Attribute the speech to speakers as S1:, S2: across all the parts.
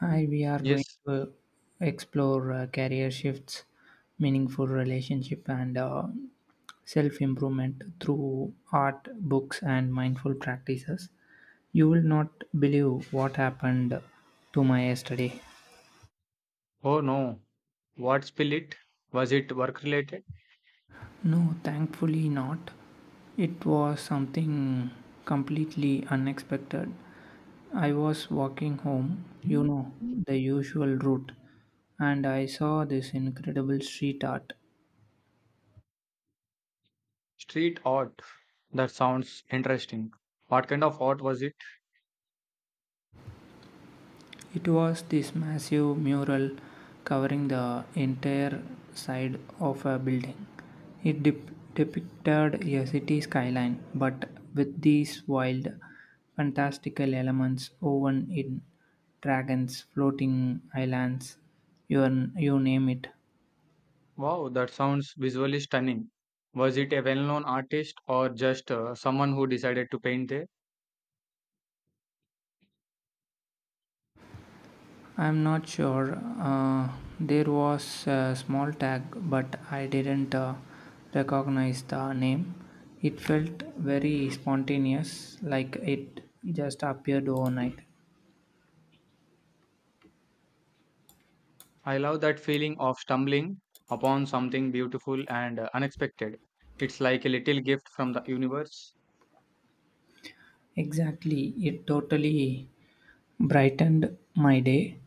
S1: Hi, we are going
S2: Yes.
S1: to explore career shifts, meaningful relationship, and self improvement through art, books, and mindful practices. You will not believe what happened to my yesterday.
S2: Oh no. What, spill it? Was it work related?
S1: No, thankfully not. It was something completely unexpected. I was walking home, you know, the usual route, and I saw this incredible street art.
S2: Street art. That sounds interesting. What kind of art was it?
S1: It was this massive mural covering the entire side of a building. It depicted a city skyline, but with these wild, fantastical elements woven in dragons, floating islands, you name it.
S2: Wow, that sounds visually stunning. Was it a well known artist or just someone who decided to paint there?
S1: I'm not sure. Uh, there was a small tag, but I didn't recognize the name. It felt very spontaneous, like it just appeared overnight.
S2: I love that feeling of stumbling upon something beautiful and unexpected. It's like a little gift from the universe.
S1: Exactly, it totally brightened my day.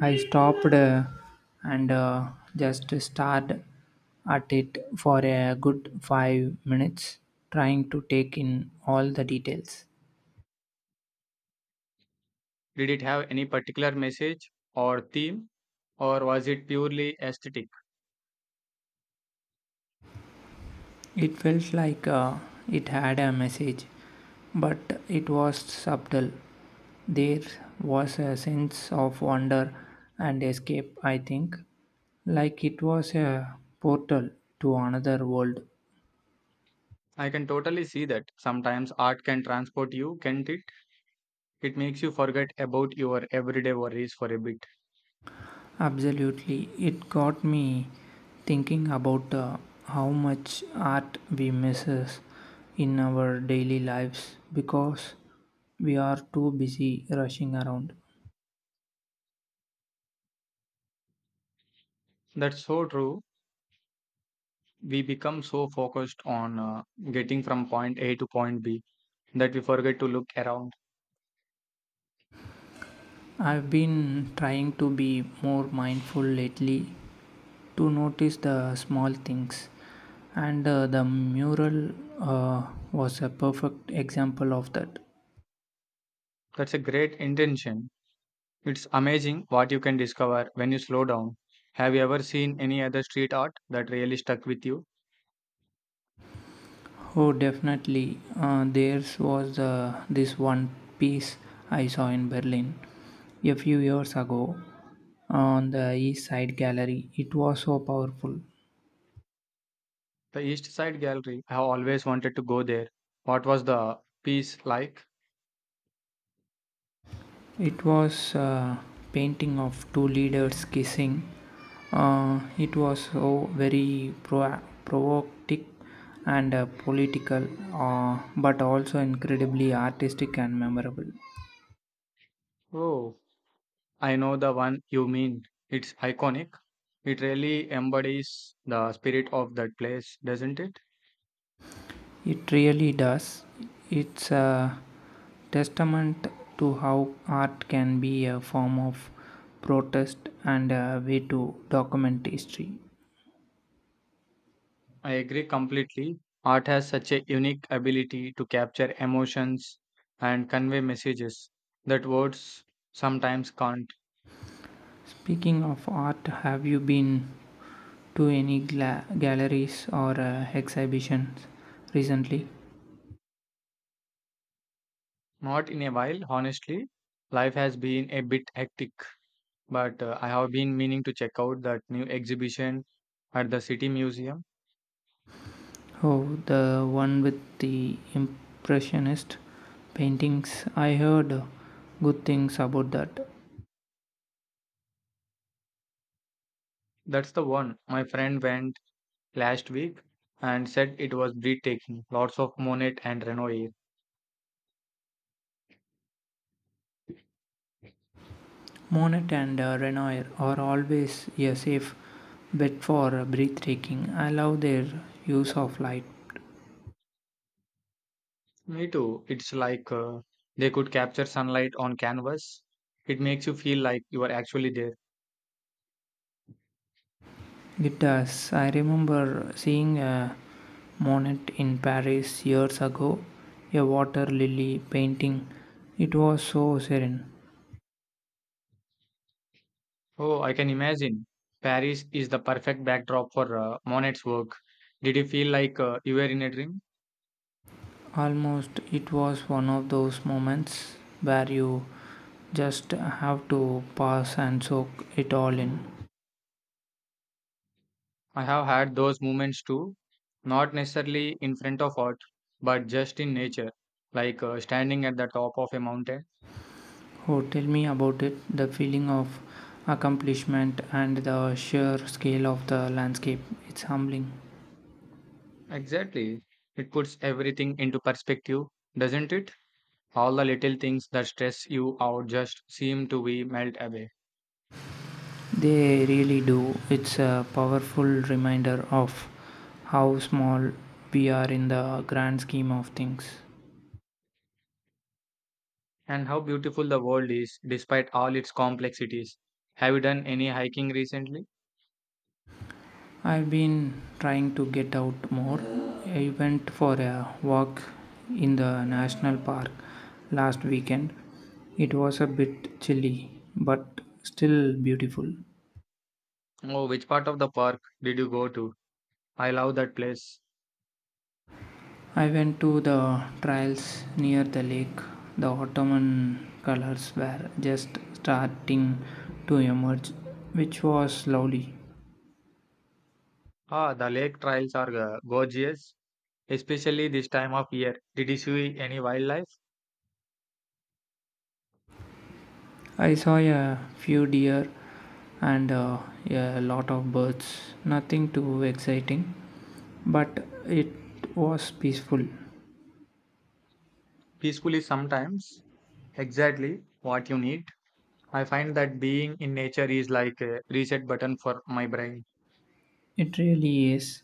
S1: I stopped and just stared at it for a good 5 minutes, trying to take in all the details.
S2: Did it have any particular message or theme, or was it purely aesthetic?
S1: It felt like it had a message, but it was subtle. There was a sense of wonder and escape, I think, like it was a portal to another world.
S2: I can totally see that. Sometimes art can transport you, can't it? It makes you forget about your everyday worries for a bit.
S1: Absolutely, it got me thinking about how much art we misses in our daily lives because we are too busy rushing around.
S2: That's so true. We become so focused on getting from point A to point B that we forget to look around.
S1: I've been trying to be more mindful lately to notice the small things, and the mural was a perfect example of that.
S2: That's a great intention. It's amazing what you can discover when you slow down. Have you ever seen any other street art that really stuck with you?
S1: Oh, definitely. There's was this one piece I saw in Berlin a few years ago on the East Side Gallery. It was so powerful.
S2: The East Side Gallery. I have always wanted to go there. What was the piece like?
S1: It was a painting of two leaders kissing. It was so very provocative and political, but also incredibly artistic and memorable.
S2: Oh, I know the one you mean. It's iconic. It really embodies the spirit of that place, doesn't it?
S1: It really does. It's a testament to how art can be a form of protest and a way to document history.
S2: I agree completely. Art has such a unique ability to capture emotions and convey messages that words sometimes can't.
S1: Speaking of art, have you been to any galleries or exhibitions recently?
S2: Not in a while, honestly. Life has been a bit hectic, but I have been meaning to check out that new exhibition at the City Museum.
S1: Oh, the one with the impressionist paintings. I heard good things about that.
S2: That's the one. My friend went last week and said it was breathtaking. Lots of Monet and Renoir.
S1: Monet and Renoir are always a safe bet for breathtaking. I love their use of light.
S2: Me too. It's like they could capture sunlight on canvas. It makes you feel like you are actually there.
S1: It does. I remember seeing a Monet in Paris years ago, a water lily painting. It was so serene.
S2: Oh, I can imagine. Paris is the perfect backdrop for Monet's work. Did you feel like you were in a dream?
S1: Almost it was one of those moments where you just have to pause and soak it all in.
S2: I have had those moments too, not necessarily in front of art, but just in nature, like standing at the top of a mountain.
S1: Oh, tell me about it, the feeling of accomplishment and the sheer scale of the landscape. It's humbling.
S2: Exactly. It puts everything into perspective, doesn't it? All the little things that stress you out just seem to be melt away.
S1: They really do. It's a powerful reminder of how small we are in the grand scheme of things.
S2: And how beautiful the world is despite all its complexities. Have you done any hiking recently?
S1: I've been trying to get out more. I went for a walk in the national park last weekend. It was a bit chilly, but still beautiful.
S2: Oh, which part of the park did you go to? I love that place.
S1: I went to the trails near the lake. The autumn colors were just starting to emerge, which was lovely.
S2: Ah, the lake trails are gorgeous, especially this time of year. Did you see any wildlife?
S1: I saw a few deer and a lot of birds. Nothing too exciting, but it was peaceful.
S2: Peacefully sometimes. Exactly what you need. I find that being in nature is like a reset button for my brain.
S1: It really is.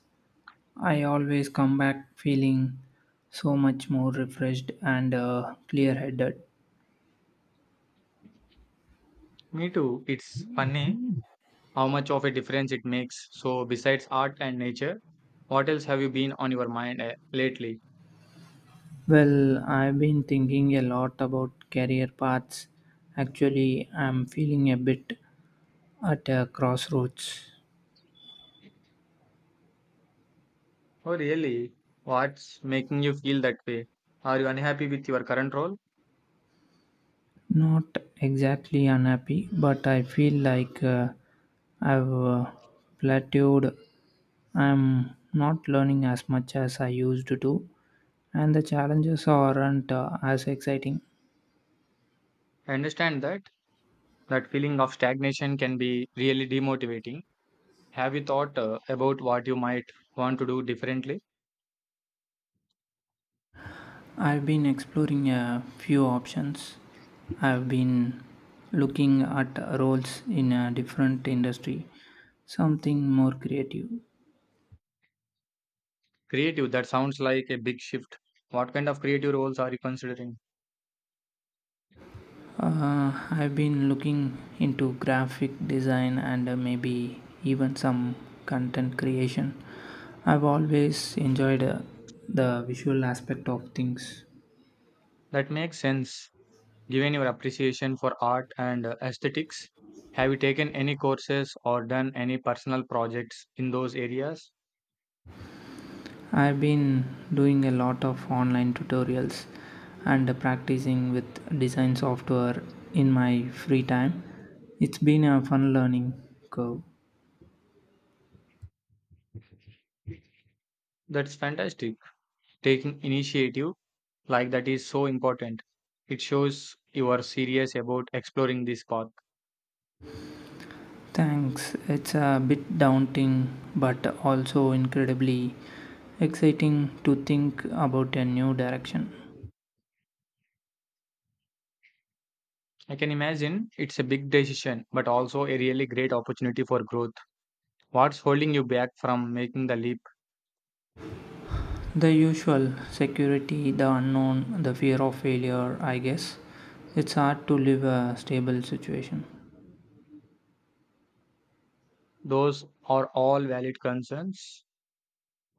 S1: I always come back feeling so much more refreshed and clear headed.
S2: Me too. It's funny how much of a difference it makes. So, besides art and nature, what else have you been on your mind lately?
S1: Well, I've been thinking a lot about career paths. Actually, I'm feeling a bit at a crossroads.
S2: Oh, really? What's making you feel that way? Are you unhappy with your current role?
S1: Not exactly unhappy, but I feel like I've plateaued. I'm not learning as much as I used to, and the challenges aren't as exciting.
S2: I understand that. That feeling of stagnation can be really demotivating. Have you thought about what you might want to do differently?
S1: I've been exploring a few options. I've been looking at roles in a different industry, something more creative.
S2: Creative, that sounds like a big shift. What kind of creative roles are you considering?
S1: I've been looking into graphic design and maybe even some content creation. I've always enjoyed the visual aspect of things.
S2: That makes sense. Given your appreciation for art and aesthetics, have you taken any courses or done any personal projects in those areas?
S1: I've been doing a lot of online tutorials and practicing with design software in my free time. It's been a fun learning curve.
S2: That's fantastic. Taking initiative like that is so important. It shows you are serious about exploring this path.
S1: Thanks. It's a bit daunting, but also incredibly exciting to think about a new direction.
S2: I can imagine it's a big decision, but also a really great opportunity for growth. What's holding you back from making the leap?
S1: The usual security, the unknown, the fear of failure, I guess. It's hard to live a stable situation.
S2: Those are all valid concerns,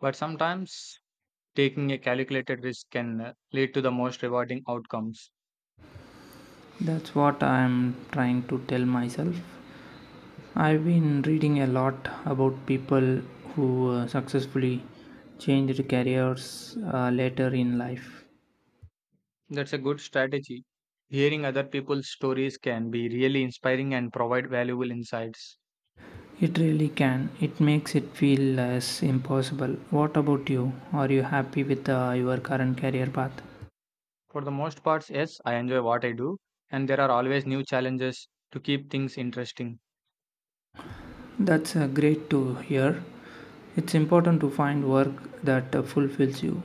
S2: but sometimes taking a calculated risk can lead to the most rewarding outcomes.
S1: That's what I'm trying to tell myself. I've been reading a lot about people who successfully changed careers later in life.
S2: That's a good strategy. Hearing other people's stories can be really inspiring and provide valuable insights.
S1: It really can. It makes it feel less impossible. What about you? Are you happy with your current career path?
S2: For the most parts, yes, I enjoy what I do, and there are always new challenges to keep things interesting.
S1: That's great to hear. It's important to find work that fulfills you.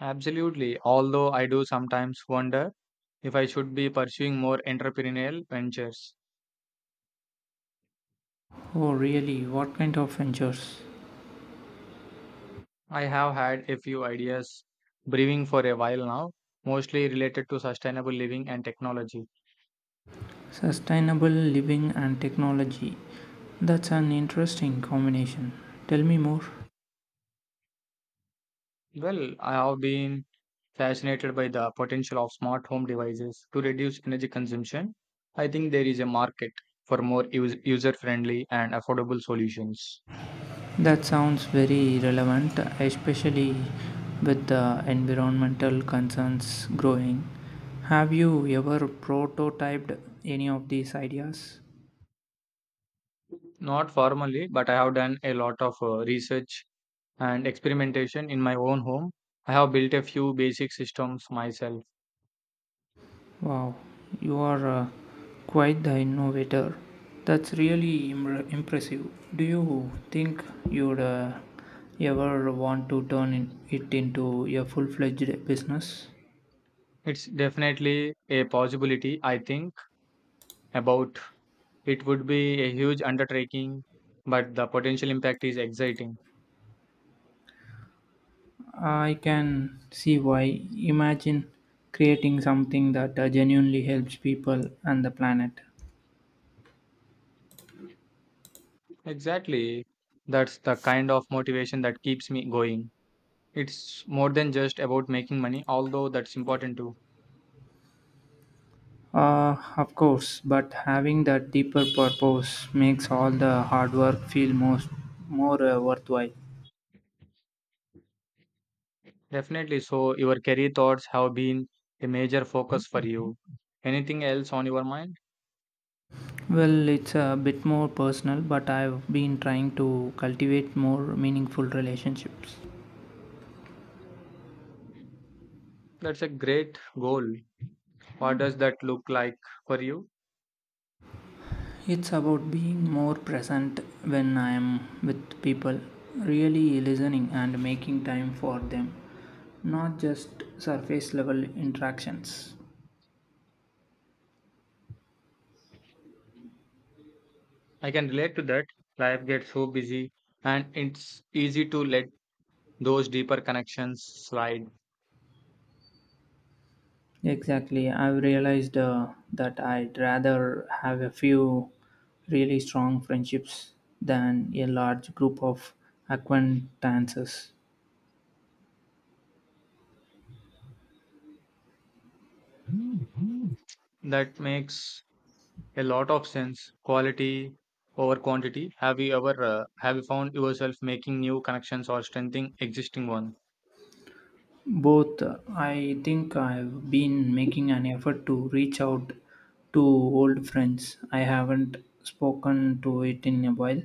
S2: Absolutely, although I do sometimes wonder if I should be pursuing more entrepreneurial ventures.
S1: Oh, really? What kind of ventures?
S2: I have had a few ideas brewing for a while now, mostly related to sustainable living and technology.
S1: Sustainable living and technology. That's an interesting combination. Tell me more.
S2: Well, I have been fascinated by the potential of smart home devices to reduce energy consumption. I think there is a market for more user friendly and affordable solutions.
S1: That sounds very relevant, especially with the environmental concerns growing. Have you ever prototyped any of these ideas?
S2: Not formally, but I have done a lot of research and experimentation in my own home. I have built a few basic systems myself.
S1: Wow, you are quite the innovator. That's really impressive. Do you think you'd ever want to turn it into a full fledged business?
S2: It's definitely a possibility, I think, about it would be a huge undertaking, but the potential impact is exciting.
S1: I can see why. Imagine creating something that genuinely helps people and the planet.
S2: Exactly. That's the kind of motivation that keeps me going. It's more than just about making money, although that's important too.
S1: Of course, but having that deeper purpose makes all the hard work feel more worthwhile.
S2: Definitely. So, your career thoughts have been a major focus for you. Anything else on your mind?
S1: Well, it's a bit more personal, but I've been trying to cultivate more meaningful relationships.
S2: That's a great goal. What does that look like for you?
S1: It's about being more present when I am with people, really listening and making time for them, not just surface level interactions.
S2: I can relate to that. Life gets so busy, and it's easy to let those deeper connections slide.
S1: Exactly, I've realized that I'd rather have a few really strong friendships than a large group of acquaintances.
S2: That makes a lot of sense. Quality over quantity. Have you ever have you found yourself making new connections or strengthening existing one?
S1: Both, I think I've been making an effort to reach out to old friends. I haven't spoken to it in a while,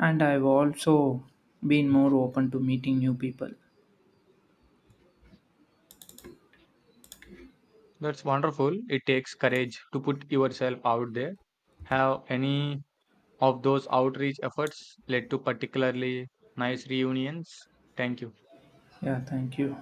S1: and I've also been more open to meeting new people.
S2: That's wonderful. It takes courage to put yourself out there. Have any of those outreach efforts led to particularly nice reunions? Thank you.
S1: Yeah, thank you.